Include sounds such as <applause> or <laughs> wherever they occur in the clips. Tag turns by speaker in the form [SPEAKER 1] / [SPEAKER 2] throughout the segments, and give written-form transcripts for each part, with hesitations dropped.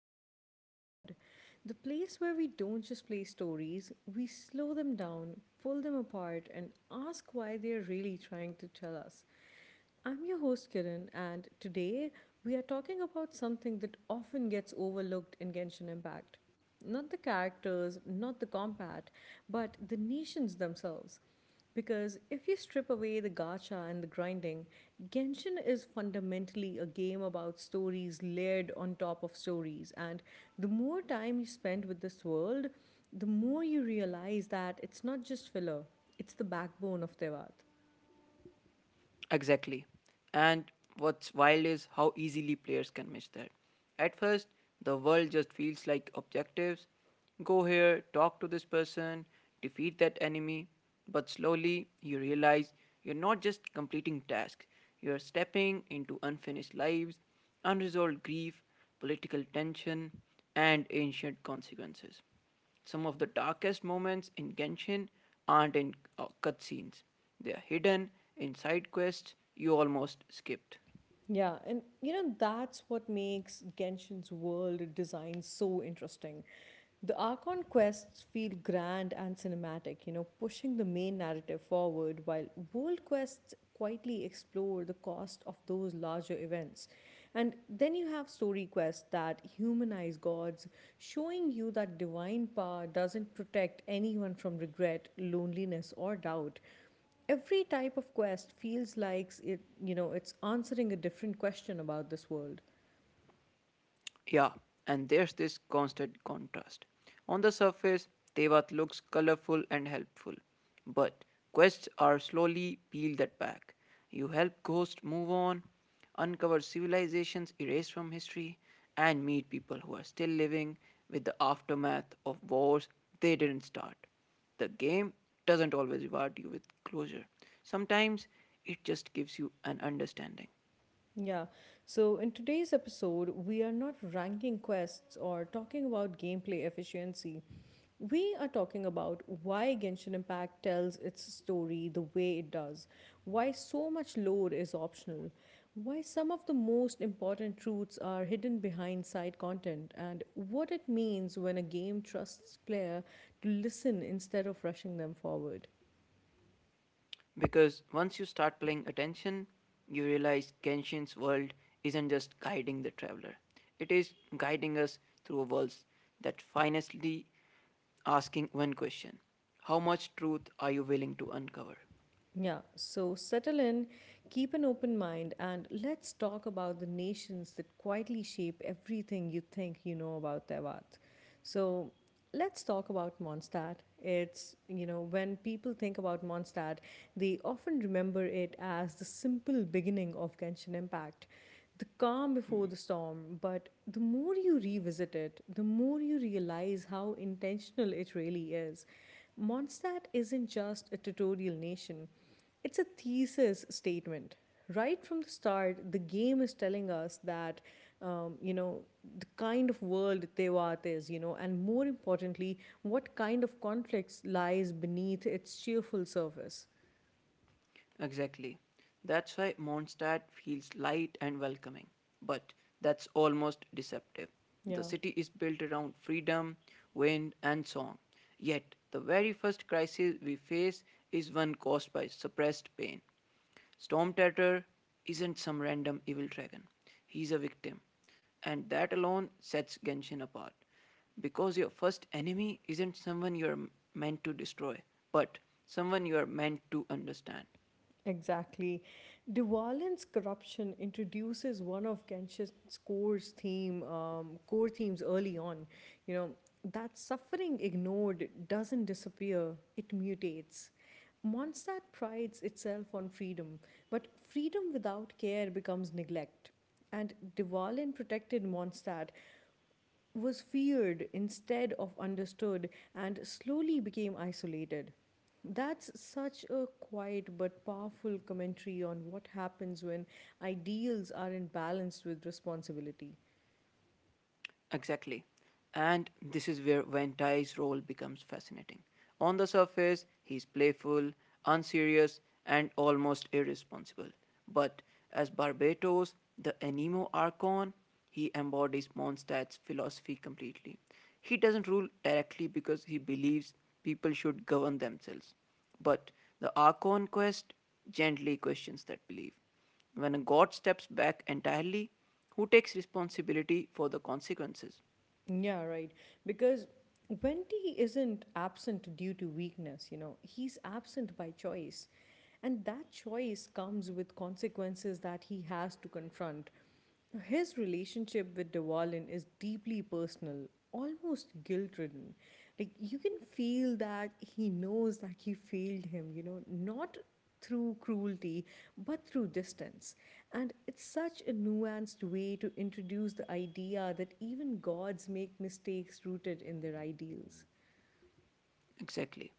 [SPEAKER 1] Open Mind Pod, the place where we don't just play stories, we slow them down, pull them apart, and ask why they're really trying to tell us. I'm your host Kiran, and today we are talking about something that often gets overlooked in Genshin Impact not the characters, not the combat, but the nations themselves. Because if you strip away the gacha and the grinding, Genshin is fundamentally a game about stories layered on top of stories. And the more time you spend with this world, the more you realize that it's not just filler, it's the backbone of Tevat.
[SPEAKER 2] Exactly. And what's wild is how easily players can miss that. At first, the world just feels like objectives go here, talk to this person, defeat that enemy. But slowly, you realize you're not just completing tasks, you're stepping into unfinished lives, unresolved grief, political tension, and ancient consequences. Some of the darkest moments in Genshin aren't in cutscenes, they are hidden in side quests you almost skipped.
[SPEAKER 1] Yeah, and you know, that's what makes Genshin's world design so interesting. The Archon quests feel grand and cinematic, you know, pushing the main narrative forward, while world quests quietly explore the cost of those larger events. And then you have story quests that humanize gods, showing you that divine power doesn't protect anyone from regret, loneliness, or doubt every type of quest feels like it you know it's answering a different question about this world.
[SPEAKER 2] Yeah, and there's this constant contrast. On the surface, Tevat looks colorful and helpful, but quests are slowly peel that back. You help ghosts move on, uncover civilizations erased from history, and meet people who are still living with the aftermath of wars they didn't start. The game doesn't always reward you with closure. Sometimes it just gives you an understanding.
[SPEAKER 1] Yeah. So in today's episode, we are not ranking quests or talking about gameplay efficiency. We are talking about why Genshin Impact tells its story the way it does, why so much lore is optional, why some of the most important truths are hidden behind side content, and what it means when a game trusts player to listen instead of rushing them forward.
[SPEAKER 2] Because once you start paying attention, you realize Kenshin's world isn't just guiding the traveler, it is guiding us through a world that finally asking one question. How much truth are you willing to uncover?
[SPEAKER 1] Yeah, so settle in, keep an open mind, and let's talk about the nations that quietly shape everything you think you know about Tevat. So let's talk about Mondstadt. It's, you know, when people think about Mondstadt, they often remember it as the simple beginning of Genshin Impact. The calm before the storm, but the more you revisit it, the more you realize how intentional it really is. Mondstadt isn't just a tutorial nation, it's a thesis statement. Right from the start, the game is telling us that, you know, the kind of world Tewat is, you know, and more importantly, what kind of conflicts lies beneath its cheerful surface.
[SPEAKER 2] Exactly. That's why Mondstadt feels light and welcoming. But that's almost deceptive. The
[SPEAKER 1] Yeah.
[SPEAKER 2] city is built around freedom, wind, and song. Yet, the very first crisis we face is one caused by suppressed pain. Storm Tatter isn't some random evil dragon, he's a victim. And that alone sets Genshin apart. Because your first enemy isn't someone you're meant to destroy, but someone you are meant to understand.
[SPEAKER 1] Exactly. Dwalin's corruption introduces one of core themes early on. You know that suffering ignored doesn't disappear; it mutates. Mondstadt prides itself on freedom, but freedom without care becomes neglect. And Dwalin protected Mondstadt was feared instead of understood and slowly became isolated. That's such a quiet but powerful commentary on what happens when ideals aren't balanced with responsibility.
[SPEAKER 2] Exactly. And this is where Van Dyke's role becomes fascinating. On the surface, he's playful, unserious, and almost irresponsible. But as Barbatos, the Anemo Archon, he embodies Mondstadt's philosophy completely. He doesn't rule directly because he believes people should govern themselves. But the Archon quest gently questions that belief. When God steps back entirely, who takes responsibility for the consequences?
[SPEAKER 1] Yeah, right. Because Wendy isn't absent due to weakness, you know, he's absent by choice. And that choice comes with consequences that he has to confront. His relationship with Dewalin is deeply personal, almost guilt ridden. Like, you can feel that he knows that he failed him, you know, not through cruelty, but through distance. And it's such a nuanced way to introduce the idea that even gods make mistakes rooted in their ideals.
[SPEAKER 2] Exactly.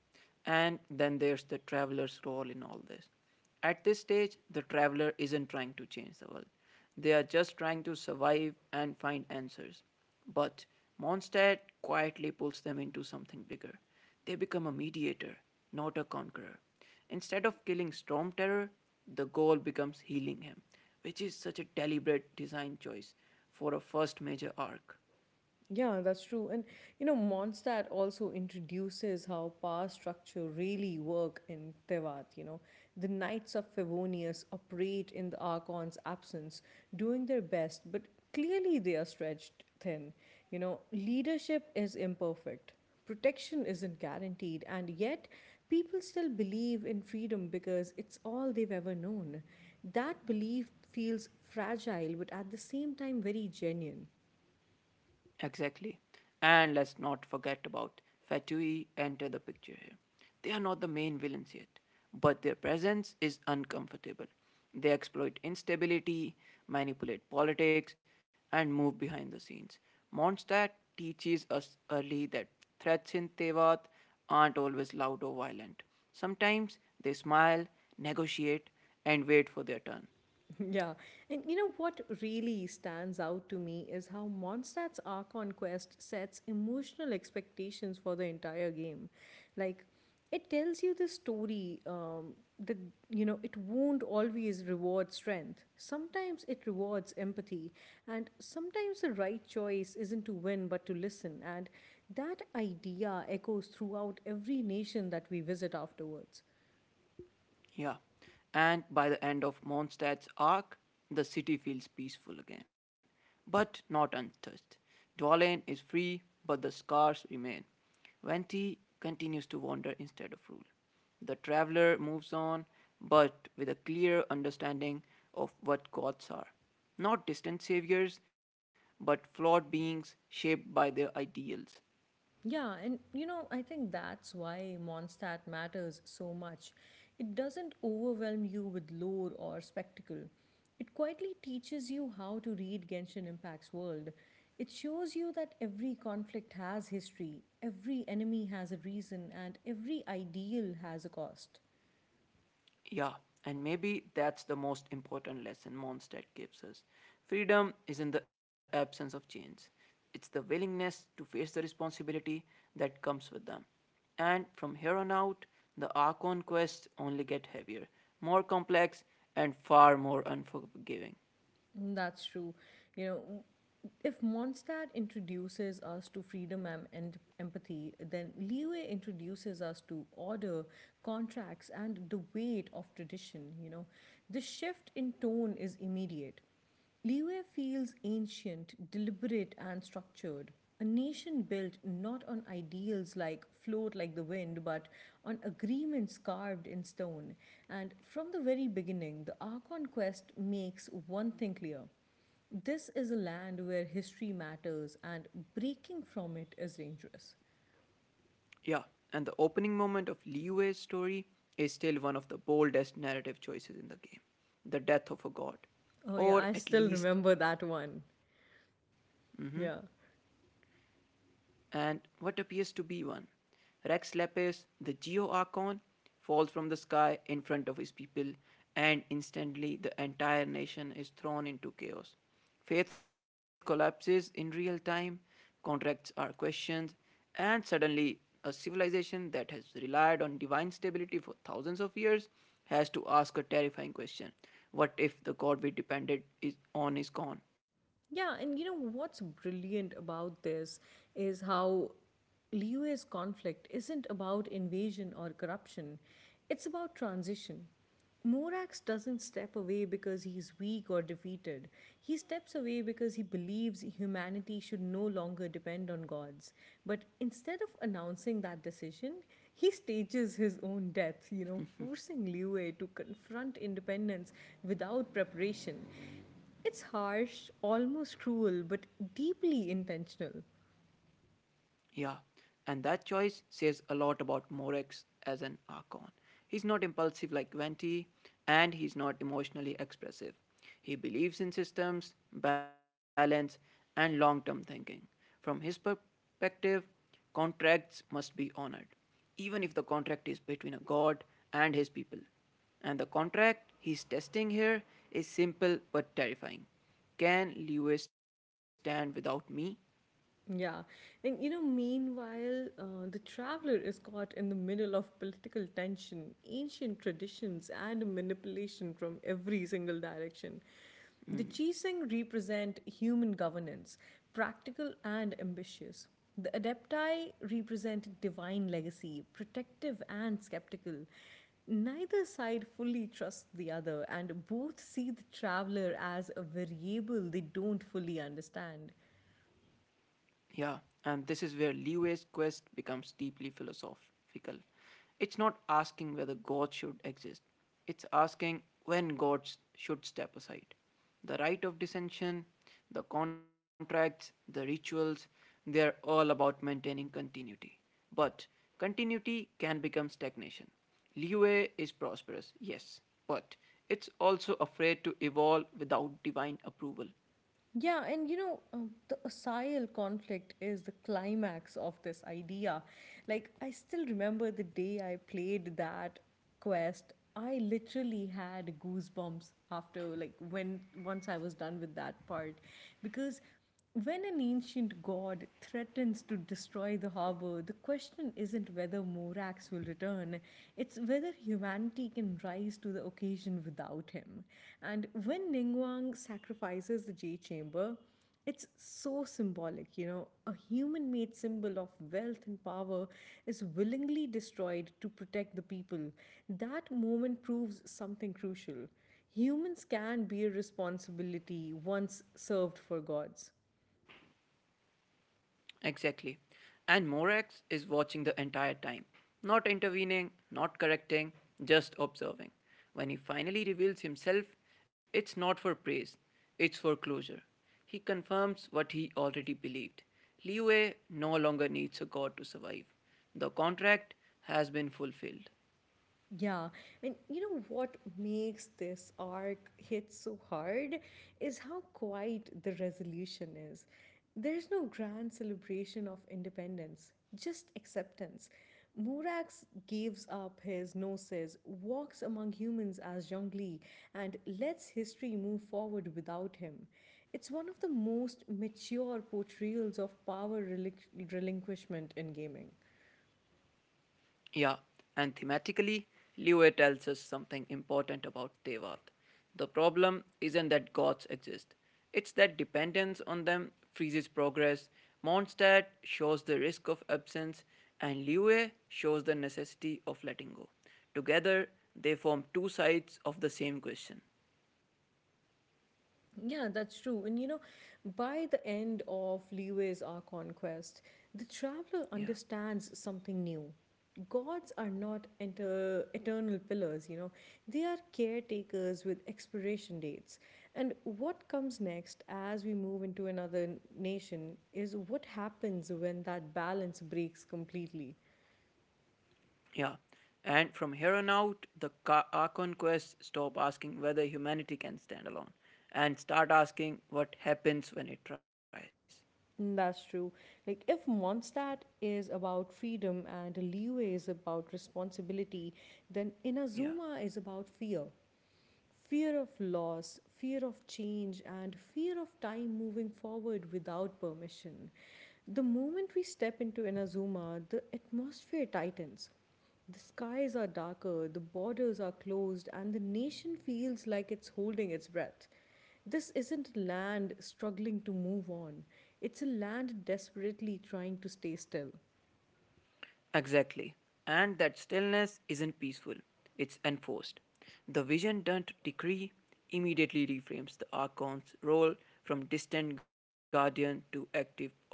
[SPEAKER 2] And then there's the traveler's role in all this. At this stage, the traveler isn't trying to change the world. They are just trying to survive and find answers. But Mondstadt quietly pulls them into something bigger. They become a mediator, not a conqueror. Instead of killing Storm Terror, the goal becomes healing him, which is such a deliberate design choice for a first major arc.
[SPEAKER 1] Yeah, that's true. And you know, Mondstadt also introduces how power structure really work in Tevat, you know. The Knights of Favonius operate in the Archon's absence, doing their best, but clearly they are stretched thin. You know, leadership is imperfect. Protection isn't guaranteed, and yet people still believe in freedom because it's all they've ever known. That belief feels fragile, but at the same time, very genuine.
[SPEAKER 2] Exactly. And let's not forget about Fatui enter the picture here. They are not the main villains yet, but their presence is uncomfortable. They exploit instability, manipulate politics, and move behind the scenes. Mondstadt teaches us early that threats in Tevat aren't always loud or violent. Sometimes they smile, negotiate, and wait for their turn.
[SPEAKER 1] <laughs> Yeah. And you know what really stands out to me is how Mondstadt's Archon quest sets emotional expectations for the entire game. Like, it tells you that, you know, it won't always reward strength. Sometimes it rewards empathy, and sometimes the right choice isn't to win but to listen. And that idea echoes throughout every nation that we visit afterwards.
[SPEAKER 2] Yeah. And by the end of Mondstadt's arc, the city feels peaceful again, but not untouched. Dwalin is free, but the scars remain. Venti continues to wander instead of rule. The traveler moves on, but with a clear understanding of what gods are. Not distant saviors, but flawed beings shaped by their ideals.
[SPEAKER 1] Yeah, and you know, I think that's why Mondstadt matters so much. It doesn't overwhelm you with lore or spectacle. It quietly teaches you how to read Genshin Impact's world. It shows you that every conflict has history, every enemy has a reason, and every ideal has a cost.
[SPEAKER 2] Yeah, and maybe that's the most important lesson Mondstadt gives us. Freedom isn't the absence of chains, it's the willingness to face the responsibility that comes with them. And from here on out, the Archon quests only get heavier, more complex, and far more unforgiving.
[SPEAKER 1] Mm, that's true. You know, if Mondstadt introduces us to freedom and empathy, then Leeway introduces us to order, contracts, and the weight of tradition. You know, the shift in tone is immediate. Liyue feels ancient, deliberate, and structured. A nation built not on ideals like float like the wind, but on agreements carved in stone. And from the very beginning, the Archon Quest makes one thing clear this is a land where history matters, and breaking from it is dangerous.
[SPEAKER 2] Yeah, and the opening moment of Liyue's story is still one of the boldest narrative choices in the game, the death of a god,
[SPEAKER 1] Oh, yeah,
[SPEAKER 2] or
[SPEAKER 1] I
[SPEAKER 2] at
[SPEAKER 1] still
[SPEAKER 2] least
[SPEAKER 1] remember that one. Yeah.
[SPEAKER 2] and what appears to be one. Rex Lapis, the Geo Archon, falls from the sky in front of his people, and instantly the entire nation is thrown into chaos. Faith collapses in real time, contracts are questioned, and suddenly a civilization that has relied on divine stability for thousands of years has to ask a terrifying question: what if the god we depended is on is gone?
[SPEAKER 1] Yeah, and you know what's brilliant about this is how Liyue's conflict isn't about invasion or corruption, it's about transition. Morax doesn't step away because he's weak or defeated. He steps away because he believes humanity should no longer depend on gods. But instead of announcing that decision, he stages his own death, you know, forcing Liyue to confront independence without preparation it's harsh, almost cruel, but deeply intentional.
[SPEAKER 2] Yeah, and that choice says a lot about Morex as an Archon. He's not impulsive like Venti, and he's not emotionally expressive. He believes in systems, balance, and long term thinking. From his perspective, contracts must be honored, even if the contract is between a god and his people. And the contract he's testing here is simple but terrifying. Can Liyue stand without me?
[SPEAKER 1] Yeah. And you know, meanwhile, the traveler is caught in the middle of political tension, ancient traditions, and manipulation from every single direction. The Chiseng represent human governance, practical and ambitious. The Adepti represent divine legacy, protective and skeptical. Neither side fully trusts the other, and both see the traveler as a variable they don't fully understand.
[SPEAKER 2] Yeah, and this is where Liu's quest becomes deeply philosophical. It's not asking whether God should exist, it's asking when gods should step aside. The rite of dissension, the contracts, the rituals, they're all about maintaining continuity. But continuity can become stagnation. Liu is prosperous, yes, but it's also afraid to evolve without divine approval.
[SPEAKER 1] Yeah, and you know, the Asael conflict is the climax of this idea. Like, I still remember the day I played that quest. I literally had goosebumps after, like, when once I was done with that part because when an ancient god threatens to destroy the harbor, the question isn't whether Morax will return, it's whether humanity can rise to the occasion without him. And when Ningguang sacrifices the Jade Chamber, it's so symbolic, you know. A human made symbol of wealth and power is willingly destroyed to protect the people. That moment proves something crucial. Humans can bear responsibility once served for gods.
[SPEAKER 2] Exactly. And Morax is watching the entire time, not intervening, not correcting, just observing. When he finally reveals himself, it's not for praise, it's for closure. He confirms what he already believed. Liu no longer needs a god to survive. The contract has been fulfilled.
[SPEAKER 1] Yeah, and you know what makes this arc hit so hard is how quiet the resolution is. There's no grand celebration of independence, just acceptance. Morax gives up his gnosis, walks among humans as Zhongli, and lets history move forward without him. It's one of the most mature portrayals of power relinquishment in gaming.
[SPEAKER 2] Yeah, and thematically, Liyue tells us something important about Tevat. The problem isn't that gods exist, it's that dependence on them freezes progress. Mondstadt shows the risk of absence, and Liyue shows the necessity of letting go. Together, they form two sides of the same question.
[SPEAKER 1] Yeah, that's true. And you know, by the end of Liu's Our Conquest, the traveler
[SPEAKER 2] Yeah.
[SPEAKER 1] understands something new. Gods are not eternal pillars, you know, they are caretakers with expiration dates. And what comes next as we move into another nation is what happens when that balance breaks completely.
[SPEAKER 2] Yeah. And from here on out, the Archon quests stop asking whether humanity can stand alone and start asking what happens when it tries.
[SPEAKER 1] Mm, that's true. Like, if Mondstadt is about freedom and Leeway is about responsibility, then
[SPEAKER 2] Yeah.
[SPEAKER 1] Inazuma is about fear. Fear of loss, fear of change, and fear of time moving forward without permission. The moment we step into Inazuma, the atmosphere tightens. The skies are darker, the borders are closed, and the nation feels like it's holding its breath. This isn't land struggling to move on, it's a land desperately trying to stay still.
[SPEAKER 2] Exactly. And that stillness isn't peaceful, it's enforced. The vision don't decree immediately reframes the Archon's role from distant guardian to active oppressor.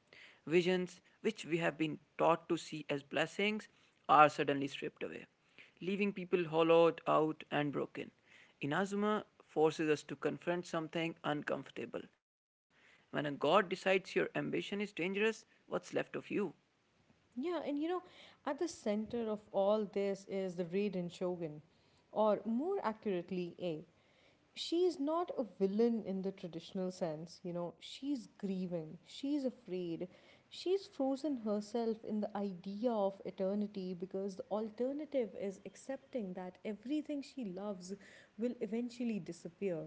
[SPEAKER 2] Visions, which we have been taught to see as blessings, are suddenly stripped away, leaving people hollowed out and broken. Inazuma forces us to confront something uncomfortable. When a god decides your ambition is dangerous, what's left of you?
[SPEAKER 1] Yeah, and you know, at the center of all this is the Raiden Shogun, or more accurately, A. She is not a villain in the traditional sense, you know, she's grieving, she's afraid, she's frozen herself in the idea of eternity because the alternative is accepting that everything she loves will eventually disappear.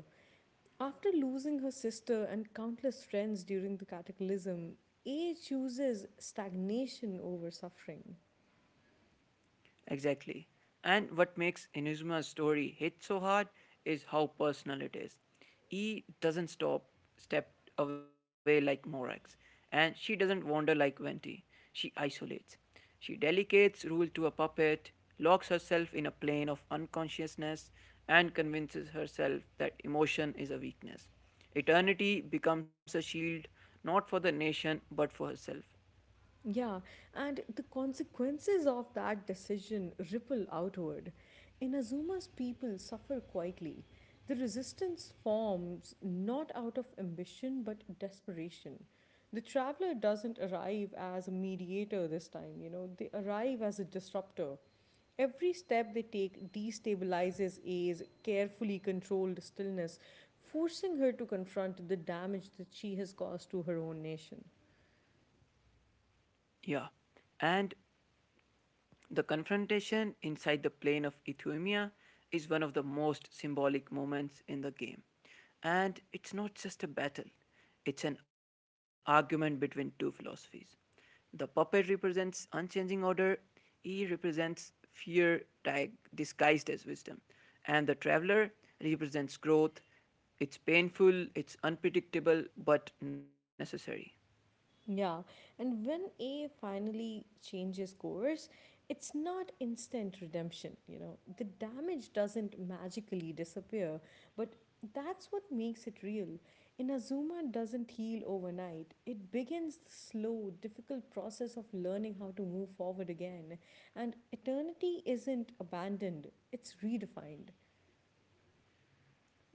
[SPEAKER 1] After losing her sister and countless friends during the cataclysm, A chooses stagnation over suffering.
[SPEAKER 2] Exactly. And what makes Inuzuma's story hit so hard is how personal it is. He doesn't stop step away like Morax, and she doesn't wander like Venti. She isolates. She delegates rule to a puppet, locks herself in a plane of unconsciousness, and convinces herself that emotion is a weakness. Eternity becomes a shield not for the nation but for herself.
[SPEAKER 1] Yeah, and the consequences of that decision ripple outward. Inazuma's people suffer quietly. The resistance forms not out of ambition but desperation. The traveler doesn't arrive as a mediator this time, you know, they arrive as a disruptor. Every step they take destabilizes A's carefully controlled stillness, forcing her to confront the damage that she has caused to her own nation.
[SPEAKER 2] Yeah. And the confrontation inside the plain of Euthymia is one of the most symbolic moments in the game. And it's not just a battle, it's an argument between two philosophies. The puppet represents unchanging order, he represents fear disguised as wisdom, and the traveler represents growth. It's painful, it's unpredictable, but necessary.
[SPEAKER 1] Yeah, and when A finally changes course, it's not instant redemption, you know. The damage doesn't magically disappear, but that's what makes it real. Inazuma doesn't heal overnight. It begins the slow, difficult process of learning how to move forward again. And eternity isn't abandoned, it's redefined.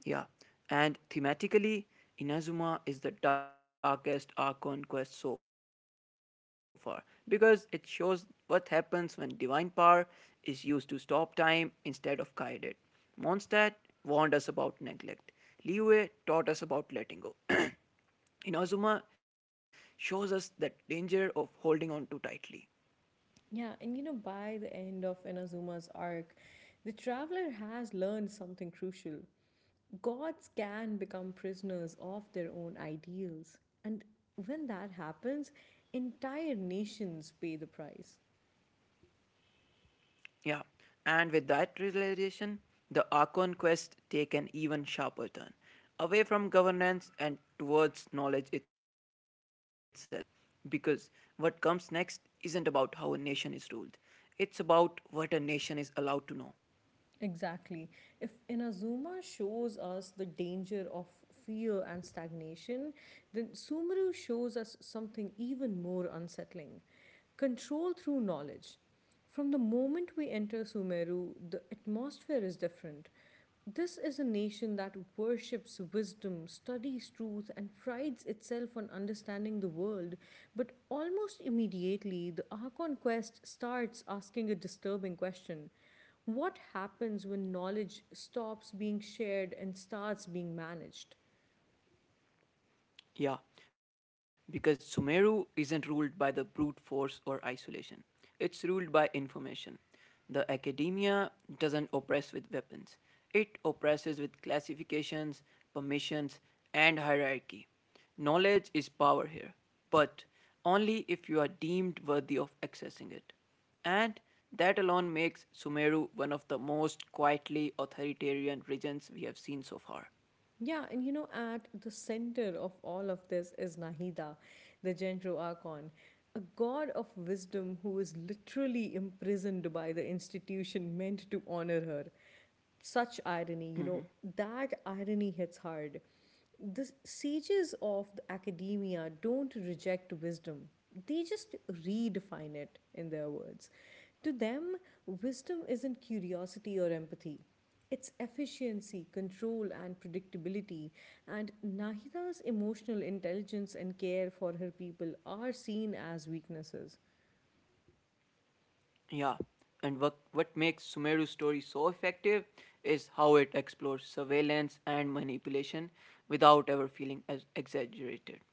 [SPEAKER 2] Yeah, and thematically, Inazuma is the darkest Archon quest so far because it shows what happens when divine power is used to stop time instead of guide it. Mondstadt warned us about neglect. Liyue taught us about letting go. Inazuma shows us the danger of holding on too tightly.
[SPEAKER 1] Yeah, and you know, by the end of Inazuma's arc, the traveler has learned something crucial. Gods can become prisoners of their own ideals. And when that happens, entire nations pay the price.
[SPEAKER 2] Yeah, and with that realization, the Archon quest take an even sharper turn, away from governance and towards knowledge itself. Because what comes next isn't about how a nation is ruled, it's about what a nation is allowed to know.
[SPEAKER 1] Exactly. If Inazuma shows us the danger of fear and stagnation, then Sumaru shows us something even more unsettling control through knowledge. From the moment we enter Sumeru, the atmosphere is different. This is a nation that worships wisdom, studies truth, and prides itself on understanding the world. But almost immediately, the Archon quest starts asking a disturbing question what happens when knowledge stops being shared and starts being managed?
[SPEAKER 2] Yeah, because Sumeru isn't ruled by the brute force or isolation. It's ruled by information. The academia doesn't oppress with weapons, it oppresses with classifications, permissions, and hierarchy. Knowledge is power here, but only if you are deemed worthy of accessing it. And that alone makes Sumeru one of the most quietly authoritarian regions we have seen so far.
[SPEAKER 1] Yeah, and you know, at the center of all of this is Nahida, the Genro Archon, a god of wisdom who is literally imprisoned by the institution meant to honor her. Such irony, you know,
[SPEAKER 2] Mhm.
[SPEAKER 1] that irony hits hard. The sages of the academia don't reject wisdom, they just redefine it in their words. To them, wisdom isn't curiosity or empathy. It's efficiency, control, and predictability. And Nahida's emotional intelligence and care for her people are seen as weaknesses.
[SPEAKER 2] Yeah, and what makes Sumeru's story so effective is how it explores surveillance and manipulation without ever feeling as exaggerated.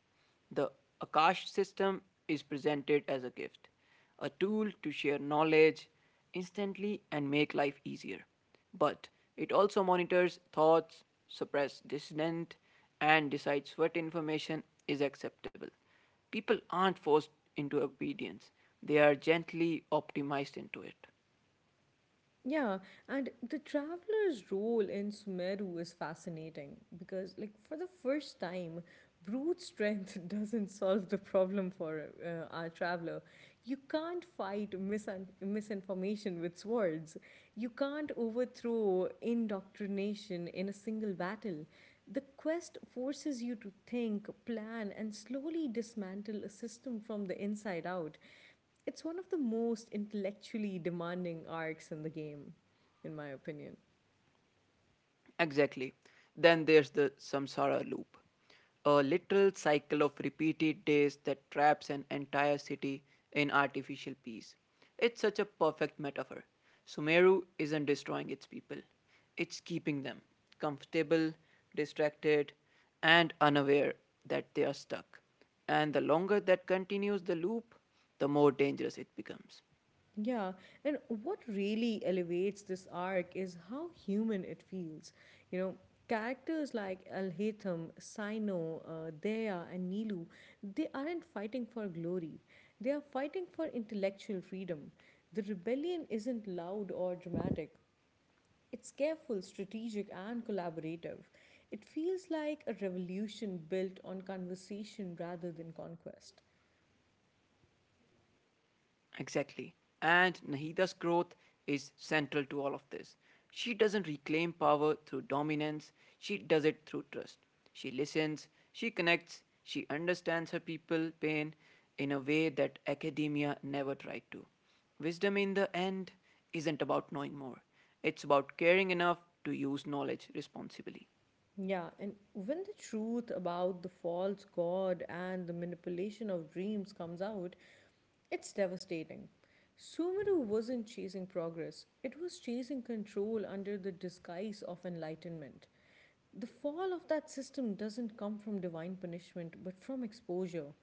[SPEAKER 2] The Akash system is presented as a gift, a tool to share knowledge instantly and make life easier. But it also monitors thoughts, suppresses dissent, and decides what information is acceptable. People aren't forced into obedience, they are gently optimized into it.
[SPEAKER 1] Yeah, and the traveler's role in Sumeru is fascinating because, like, for the first time, brute strength <laughs> doesn't solve the problem for our traveler. You can't fight misinformation with swords. You can't overthrow indoctrination in a single battle. The quest forces you to think, plan, and slowly dismantle a system from the inside out. It's one of the most intellectually demanding arcs in the game, in my opinion.
[SPEAKER 2] Exactly. Then there's the samsara loop, a literal cycle of repeated days that traps an entire city in artificial peace. It's such a perfect metaphor. Sumeru isn't destroying its people, it's keeping them comfortable, distracted, and unaware that they are stuck. And the longer that continues the loop, the more dangerous it becomes.
[SPEAKER 1] Yeah, and what really elevates this arc is how human it feels. You know, characters like Al-Haytham, Sino, Dea, and Nilu, they aren't fighting for glory. They are fighting for intellectual freedom. The rebellion isn't loud or dramatic. It's careful, strategic, and collaborative. It feels like a revolution built on conversation rather than conquest.
[SPEAKER 2] Exactly. And Nahida's growth is central to all of this. She doesn't reclaim power through dominance, she does it through trust. She listens, she connects, she understands her people pain in a way that academia never tried to. Wisdom in the end isn't about knowing more. It's about caring enough to use knowledge responsibly.
[SPEAKER 1] Yeah, and when the truth about the false god and the manipulation of dreams comes out, it's devastating. Sumeru wasn't chasing progress, it was chasing control under the disguise of enlightenment. The fall of that system doesn't come from divine punishment, but from exposure.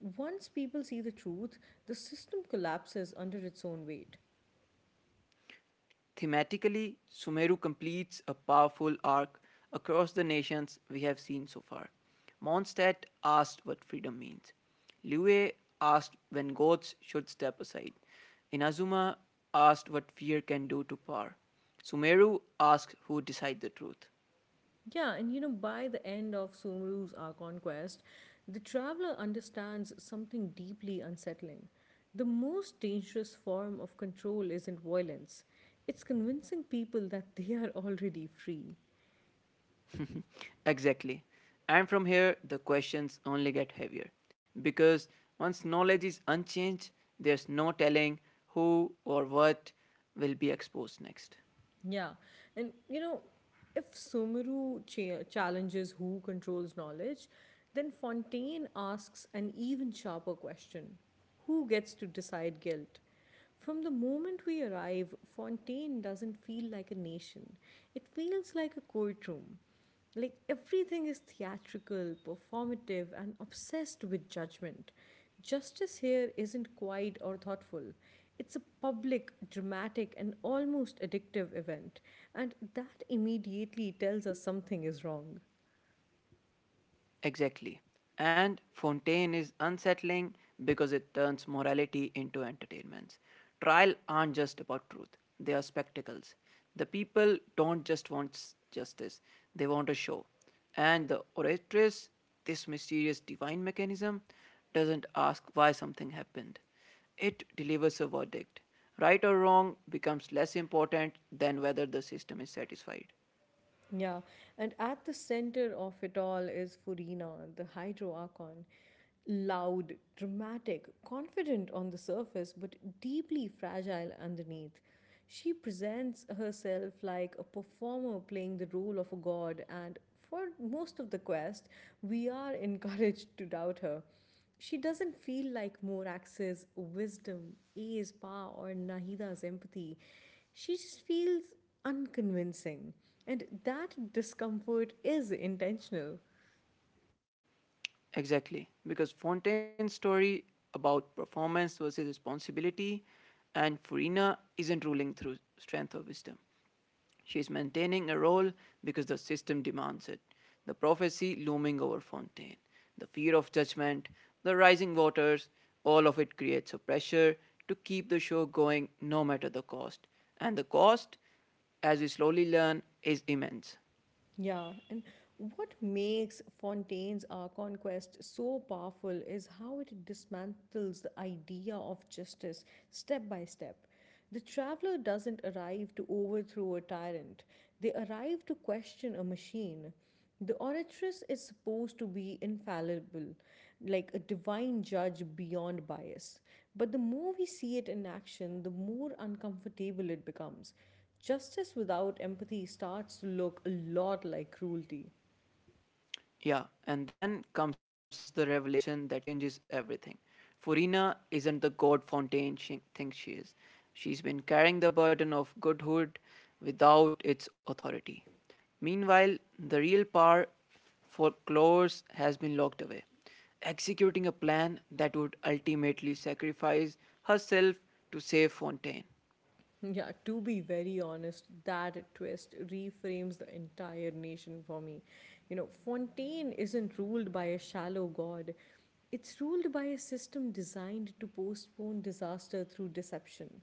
[SPEAKER 1] Once people see the truth, the system collapses under its own weight.
[SPEAKER 2] Thematically, Sumeru completes a powerful arc across the nations we have seen so far. Mondstadt asked what freedom means. Liyue asked when gods should step aside. Inazuma asked what fear can do to power. Sumeru asks who decides the truth.
[SPEAKER 1] Yeah, and you know, by the end of Sumeru's Ark Quest, the traveler understands something deeply unsettling. The most dangerous form of control isn't violence, it's convincing people that they are already free.
[SPEAKER 2] Exactly. And from here, the questions only get heavier. Because once knowledge is unchanged, there's no telling who or what will be exposed next.
[SPEAKER 1] Yeah. And you know, if Sumeru challenges who controls knowledge, then Fontaine asks an even sharper question: who gets to decide guilt? From the moment we arrive, Fontaine doesn't feel like a nation, it feels like a courtroom. Like everything is theatrical, performative, and obsessed with judgment. Justice here isn't quiet or thoughtful. It's a public, dramatic, and almost addictive event, and that immediately tells us something is wrong.
[SPEAKER 2] Exactly. And Fontaine is unsettling because it turns morality into entertainments. Trial aren't just about truth, they are spectacles. The people don't just want justice, they want a show. And the oratress, this mysterious divine mechanism, doesn't ask why something happened. It delivers a verdict. Right or wrong becomes less important than whether the system is satisfied.
[SPEAKER 1] Yeah, and at the center of it all is Furina, the hydro archon. Loud, dramatic, confident on the surface, but deeply fragile underneath. She presents herself like a performer playing the role of a god, and for most of the quest, we are <laughs> encouraged to doubt her. She doesn't feel like Morax's wisdom, A's power, or Nahida's empathy. She just feels unconvincing. And that discomfort is intentional.
[SPEAKER 2] Exactly, because Fontaine's story about performance versus responsibility and Furina isn't ruling through strength or wisdom. She is maintaining a role because the system demands it. The prophecy looming over Fontaine, the fear of judgment, the rising waters, all of it creates a pressure to keep the show going no matter the cost. And the cost, as we slowly learn, is immense.
[SPEAKER 1] Yeah, and what makes Fontaine's Our Conquest so powerful is how it dismantles the idea of justice step by step. The traveler doesn't arrive to overthrow a tyrant, they arrive to question a machine. The oratress is supposed to be infallible, like a divine judge beyond bias. But the more we see it in action, the more uncomfortable it becomes. Justice without empathy starts to look a lot like cruelty.
[SPEAKER 2] Yeah, and then comes the revelation that changes everything. Furina isn't the God Fontaine she thinks she is. She's been carrying the burden of goodhood without its authority. Meanwhile, the real power for Clores has been locked away, executing a plan that would ultimately sacrifice herself to save Fontaine.
[SPEAKER 1] Yeah, to be very honest, that twist reframes the entire nation for me. You know, Fontaine isn't ruled by a shallow god, it's ruled by a system designed to postpone disaster through deception.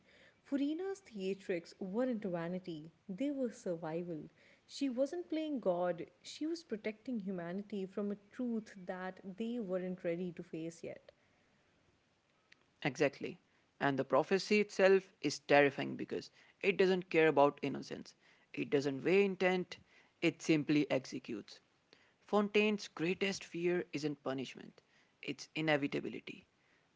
[SPEAKER 1] Furina's theatrics weren't vanity, they were survival. She wasn't playing God, she was protecting humanity from a truth that they weren't ready to face yet.
[SPEAKER 2] Exactly. And the prophecy itself is terrifying because it doesn't care about innocence, it doesn't weigh intent, it simply executes. Fontaine's greatest fear isn't punishment, it's inevitability.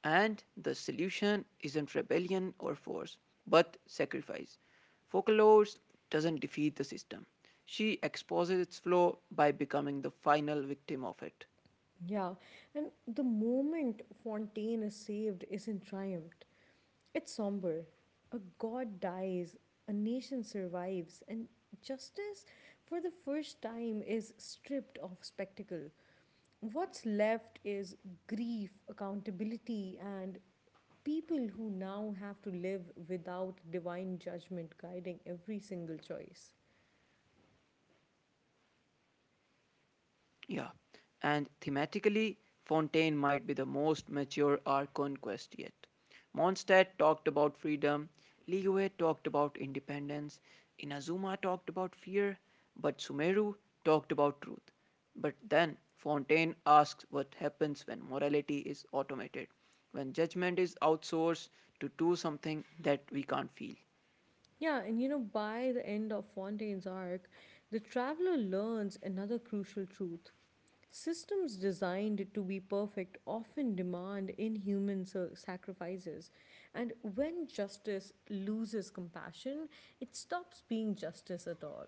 [SPEAKER 2] And the solution isn't rebellion or force, but sacrifice. Focalores doesn't defeat the system. She exposes its flaw by becoming the final victim of it.
[SPEAKER 1] Yeah, and the moment Fontaine is saved isn't triumph. It's somber. A god dies, a nation survives, and justice for the first time is stripped of spectacle. What's left is grief, accountability, and people who now have to live without divine judgment guiding every single choice.
[SPEAKER 2] Yeah, and thematically, Fontaine might be the most mature art conquest yet. Mondstadt talked about freedom, Liyue talked about independence, Inazuma talked about fear, but Sumeru talked about truth. But then Fontaine asks what happens when morality is automated, when judgment is outsourced to do something that we can't feel.
[SPEAKER 1] Yeah, and you know, by the end of Fontaine's arc, the traveler learns another crucial truth: Systems designed to be perfect often demand inhuman sacrifices. And when justice loses compassion, it stops being justice at all.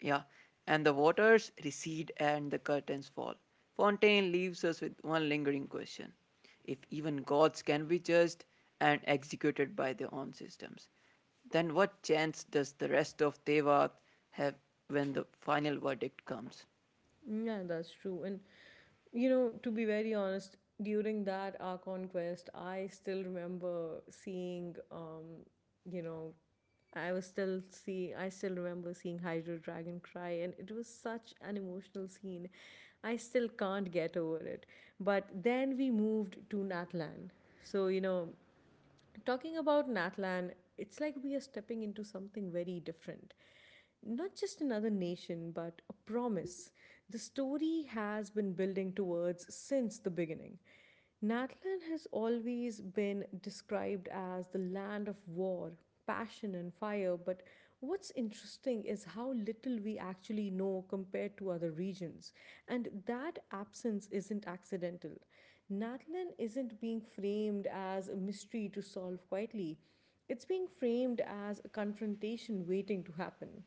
[SPEAKER 2] Yeah, and the waters recede and the curtains fall. Fontaine leaves us with one lingering question: if even gods can be judged and executed by their own systems, then what chance does the rest of Tevat have when the final verdict comes?
[SPEAKER 1] Yeah, that's true. And, you know, to be very honest, during that our conquest, I still remember seeing, you know, I still remember seeing Hydro Dragon cry and it was such an emotional scene. I still can't get over it. But then we moved to Natlan. So, you know, talking about Natlan, it's like we are stepping into something very different. Not just another nation, but a promise the story has been building towards since the beginning. Natlan has always been described as the land of war, passion, and fire, but what's interesting is how little we actually know compared to other regions, and that absence isn't accidental. Natlan isn't being framed as a mystery to solve quietly, it's being framed as a confrontation waiting to happen.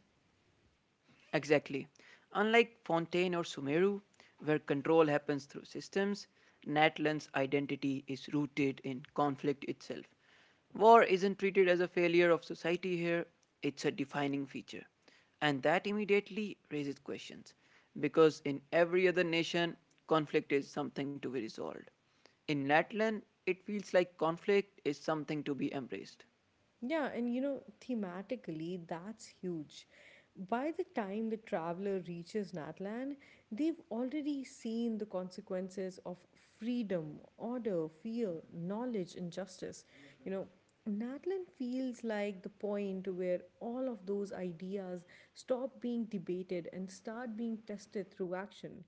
[SPEAKER 2] Exactly. Unlike Fontaine or Sumeru, where control happens through systems, Natlan's identity is rooted in conflict itself. War isn't treated as a failure of society here, it's a defining feature. And that immediately raises questions, because in every other nation, conflict is something to be resolved. In Natlan, it feels like conflict is something to be embraced.
[SPEAKER 1] Yeah, and you know, thematically, that's huge. By the time the traveler reaches Natlan, they've already seen the consequences of freedom, order, fear, knowledge, and justice. You know, Natlan feels like the point where all of those ideas stop being debated and start being tested through action.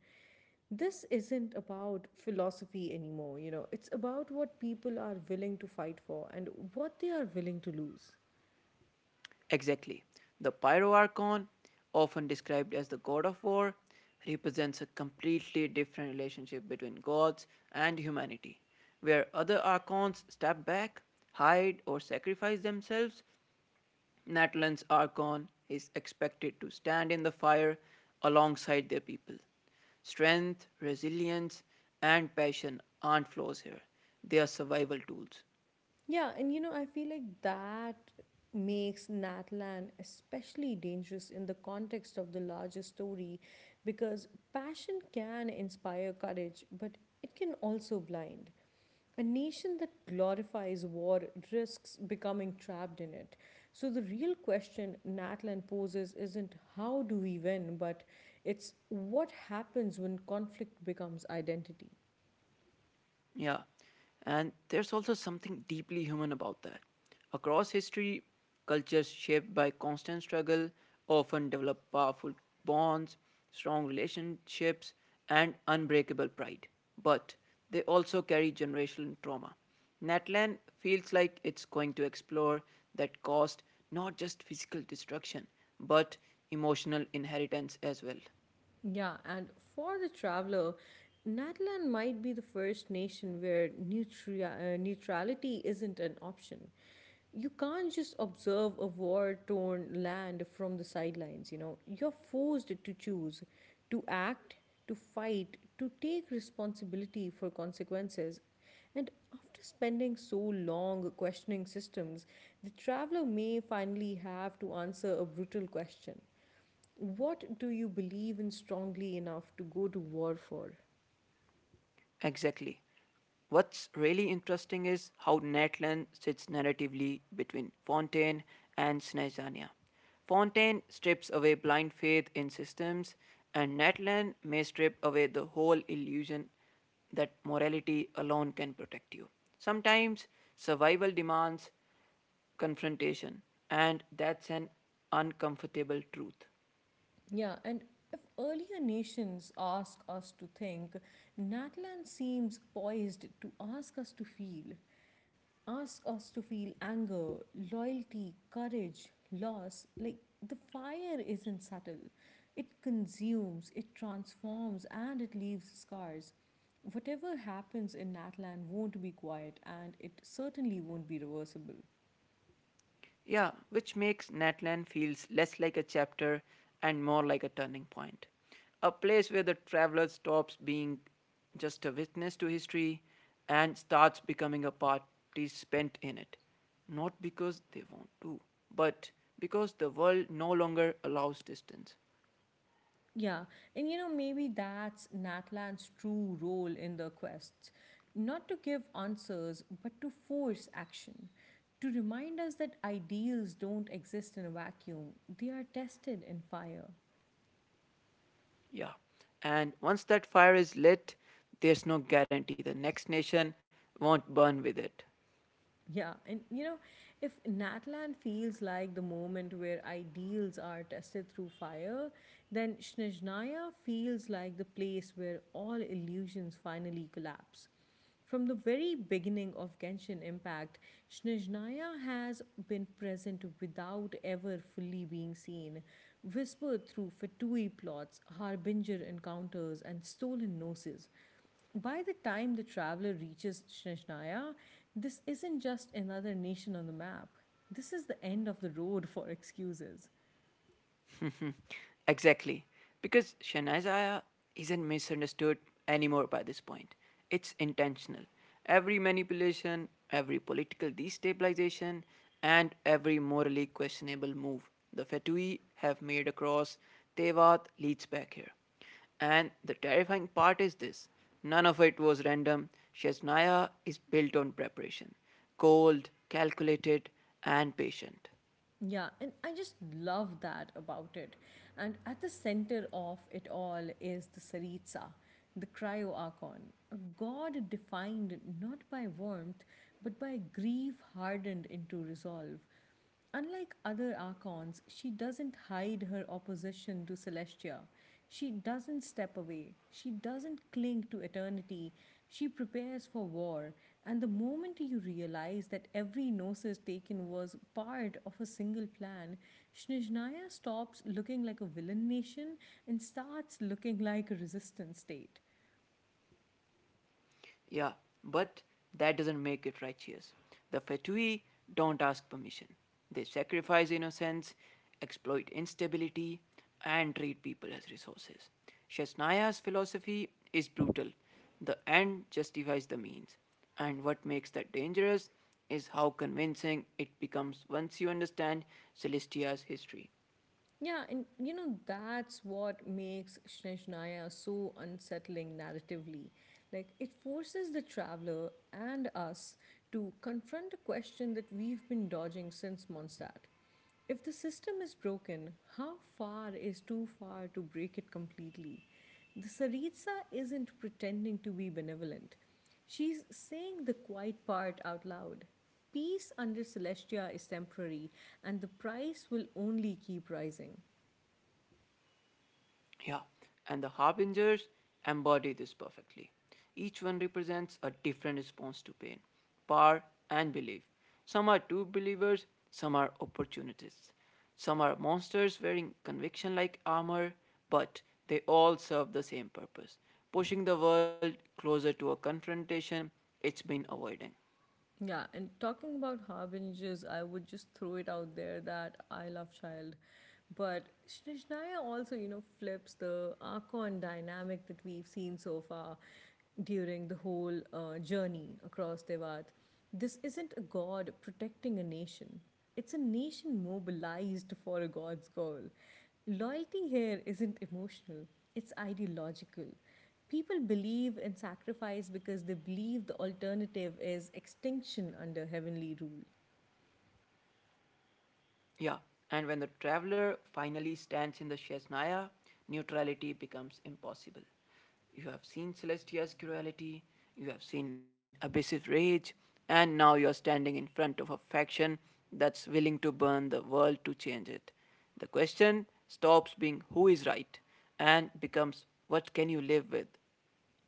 [SPEAKER 1] This isn't about philosophy anymore, you know, it's about what people are willing to fight for and what they are willing to lose.
[SPEAKER 2] Exactly. The Pyroarchon, often described as the god of war, represents a completely different relationship between gods and humanity. Where other archons step back, hide, or sacrifice themselves, Natlan's archon is expected to stand in the fire alongside their people. Strength, resilience, and passion aren't flaws here, they are survival tools.
[SPEAKER 1] Yeah, and you know, I feel like that makes Natlan especially dangerous in the context of the larger story because passion can inspire courage, but it can also blind. A nation that glorifies war risks becoming trapped in it. So, the real question Natlan poses isn't how do we win, but it's what happens when conflict becomes identity.
[SPEAKER 2] Yeah. And there's also something deeply human about that. Across history, cultures shaped by constant struggle often develop powerful bonds, strong relationships, and unbreakable pride. But they also carry generational trauma. Natlan feels like it's going to explore that caused not just physical destruction, but emotional inheritance as well.
[SPEAKER 1] Yeah, and for the traveler, Nagaland might be the first nation where neutrality isn't an option. You can't just observe a war torn land from the sidelines, you know. You're forced to choose, to act, to fight, to take responsibility for consequences. And after spending so long questioning systems, the traveler may finally have to answer a brutal question: what do you believe in strongly enough to go to war for?
[SPEAKER 2] Exactly. What's really interesting is how Natlan sits narratively between Fontaine and Snezania. Fontaine strips away blind faith in systems, and Natlan may strip away the whole illusion that morality alone can protect you. Sometimes survival demands confrontation, and that's an uncomfortable truth.
[SPEAKER 1] Yeah, and if earlier nations ask us to think, Natlan seems poised to ask us to feel, ask us to feel anger, loyalty, courage, loss. Like the fire isn't subtle, it consumes, it transforms, and it leaves scars. Whatever happens in Natlan won't be quiet, and it certainly won't be reversible.
[SPEAKER 2] Yeah, which makes Natlan feels less like a chapter and more like a turning point. A place where the traveler stops being just a witness to history and starts becoming a participant in it. Not because they want to, but because the world no longer allows distance.
[SPEAKER 1] Yeah, and you know, maybe that's Natlan's true role in the quests: not to give answers, but to force action, to remind us that ideals don't exist in a vacuum, they are tested in fire.
[SPEAKER 2] Yeah. And once that fire is lit, there's no guarantee the next nation won't burn with it.
[SPEAKER 1] Yeah, and you know, if Natlan feels like the moment where ideals are tested through fire, then Snezhnaya feels like the place where all illusions finally collapse. From the very beginning of Genshin Impact, Snezhnaya has been present without ever fully being seen, whispered through Fatui plots, Harbinger encounters, and stolen noses. By the time the traveler reaches Shneshnaya, this isn't just another nation on the map. This is the end of the road for excuses.
[SPEAKER 2] Mhm. Exactly. Because Shanazaya isn't misunderstood anymore by this point. It's intentional. Every manipulation, every political destabilization, and every morally questionable move the Fatui have made across Tevat leads back here. And the terrifying part is this: none of it was random. Shesnaya is built on preparation, cold, calculated, and patient.
[SPEAKER 1] Yeah, and I just love that about it. And at the center of it all is the Saritsa, the cryoarchon, a god defined not by warmth, but by grief hardened into resolve. Unlike other archons, she doesn't hide her opposition to Celestia. She doesn't step away. She doesn't cling to eternity. She prepares for war. And the moment you realize that every gnosis taken was part of a single plan, Snizhnaya stops looking like a villain nation and starts looking like a resistance state.
[SPEAKER 2] Yeah, but that doesn't make it righteous. The Fatui don't ask permission. They sacrifice innocence, exploit instability, and treat people as resources. Shasnaya's philosophy is brutal. The end justifies the means. And what makes that dangerous is how convincing it becomes once you understand Celestia's history.
[SPEAKER 1] Yeah, and you know, that's what makes Shneshnaya so unsettling narratively. Like, it forces the traveler and us to confront a question that we've been dodging since Mondstadt. If the system is broken, how far is too far to break it completely? The Saritsa isn't pretending to be benevolent. She's saying the quiet part out loud. Peace under Celestia is temporary, and the price will only keep rising.
[SPEAKER 2] Yeah, and the harbingers embody this perfectly. Each one represents a different response to pain, power, and belief. Some are true believers, some are opportunists. Some are monsters wearing conviction like armor, but they all serve the same purpose: pushing the world closer to a confrontation it's been avoiding.
[SPEAKER 1] Yeah, and talking about harbingers, I would just throw it out there that I love child. But Shnishnaya also, you know, flips the Archon dynamic that we've seen so far during the whole journey across Tevat. This isn't a god protecting a nation, it's a nation mobilized for a god's goal. Loyalty here isn't emotional, it's ideological. People believe in sacrifice because they believe the alternative is extinction under heavenly rule.
[SPEAKER 2] Yeah, and when the traveler finally stands in the Shesnaya, neutrality becomes impossible. You have seen Celestia's cruelty, you have seen Abyss's rage, and now you are standing in front of a faction that's willing to burn the world to change it. The question stops being who is right and becomes what can you live with?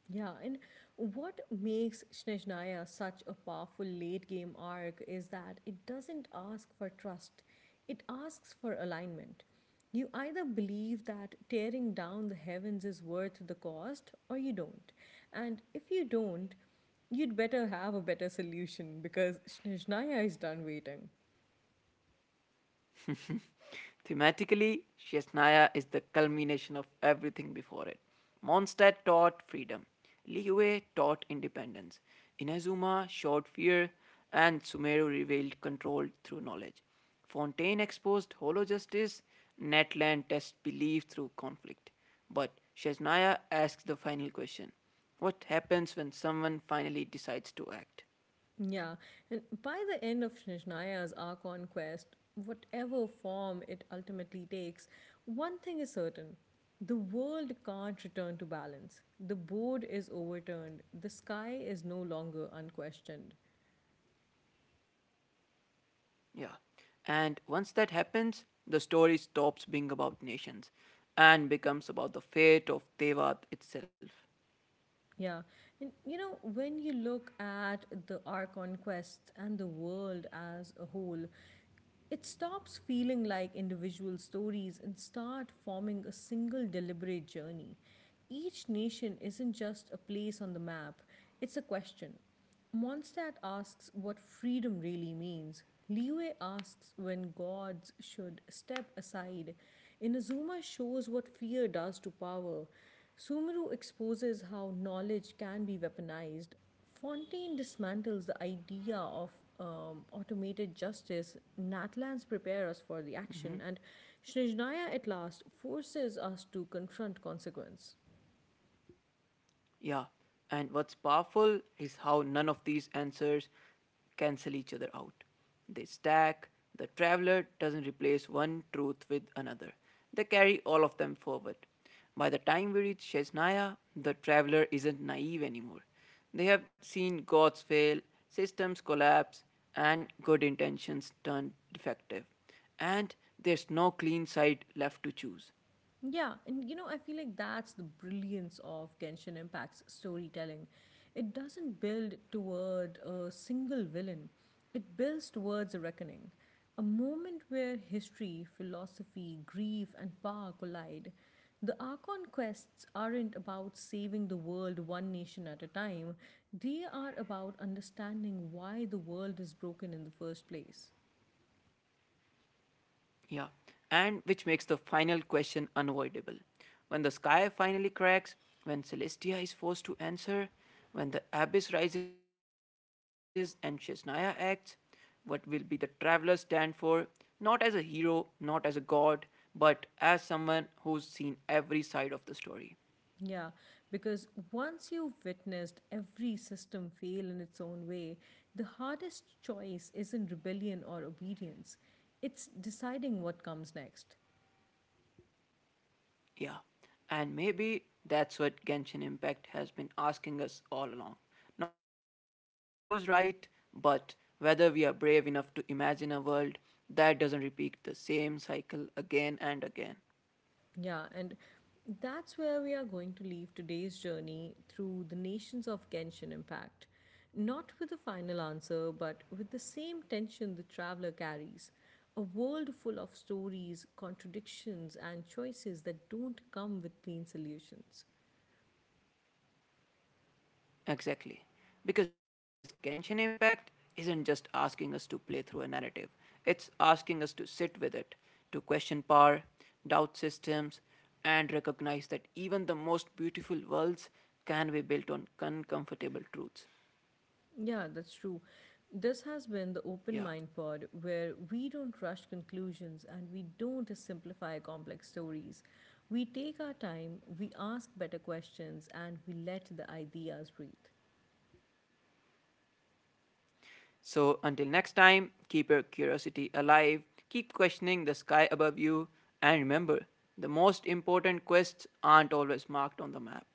[SPEAKER 1] Yeah, and what makes Snezhnaya such a powerful late game arc is that it doesn't ask for trust, it asks for alignment. You either believe that tearing down the heavens is worth the cost, or you don't. And if you don't, you'd better have a better solution because Snezhnaya is done waiting.
[SPEAKER 2] Thematically, Shesnaya is the culmination of everything before it. Mondstadt taught freedom, Liyue taught independence, Inazuma showed fear, and Sumeru revealed control through knowledge. Fontaine exposed hollow justice, Netland tests belief through conflict. But Shesnaya asks the final question: what happens when someone finally decides to act?
[SPEAKER 1] Yeah, and by the end of Shishnaya's arc on quest, whatever form it ultimately takes, one thing is certain: the world can't return to balance. The board is overturned, the sky is no longer unquestioned.
[SPEAKER 2] Yeah. And once that happens, the story stops being about nations and becomes about the fate of Tevat itself.
[SPEAKER 1] Yeah, and you know, when you look at the arc on quest and the world as a whole, it stops feeling like individual stories and start forming a single deliberate journey. Each nation isn't just a place on the map, it's a question. Mondstadt asks what freedom really means. Liwe asks when gods should step aside. Inazuma shows what fear does to power. Sumeru exposes how knowledge can be weaponized. Fontaine dismantles the idea of automated justice. Natlans prepare us for the action, and Shnizhnaya at last forces us to confront consequence.
[SPEAKER 2] Yeah. And what's powerful is how none of these answers cancel each other out. They stack. The traveler doesn't replace one truth with another. They carry all of them forward. By the time we reach Shesnaya, the traveler isn't naive anymore. They have seen gods fail, systems collapse, and good intentions turn defective. And there's no clean side left to choose.
[SPEAKER 1] Yeah, and you know, I feel like that's the brilliance of Genshin Impact's storytelling. It doesn't build toward a single villain, it builds towards a reckoning, a moment where history, philosophy, grief, and power collide. The Archon quests aren't about saving the world one nation at a time, they are about understanding why the world is broken in the first place.
[SPEAKER 2] Yeah, and which makes the final question unavoidable. When the sky finally cracks, when Celestia is forced to answer, when the abyss rises and Shesnaya acts, what will be the traveler stand for? Not as a hero, not as a god, but as someone who's seen every side of the story.
[SPEAKER 1] Yeah, because once you've witnessed every system fail in its own way, the hardest choice isn't rebellion or obedience, it's deciding what comes next.
[SPEAKER 2] Yeah, and maybe that's what Genshin Impact has been asking us all along. Not who's right, but whether we are brave enough to imagine a world that doesn't repeat the same cycle again and again.
[SPEAKER 1] Yeah, and that's where we are going to leave today's journey through the nations of Genshin Impact. Not with a final answer, but with the same tension the traveler carries: a world full of stories, contradictions, and choices that don't come with clean solutions.
[SPEAKER 2] Exactly. Because Genshin Impact isn't just asking us to play through a narrative, it's asking us to sit with it, to question power, doubt systems, and recognize that even the most beautiful worlds can be built on uncomfortable truths.
[SPEAKER 1] Yeah, that's true. This has been the Open
[SPEAKER 2] Yeah.
[SPEAKER 1] Mind Pod, where we don't rush conclusions and we don't simplify complex stories. We take our time, we ask better questions, and we let the ideas breathe.
[SPEAKER 2] So until next time, keep your curiosity alive, keep questioning the sky above you, and remember the most important quests aren't always marked on the map.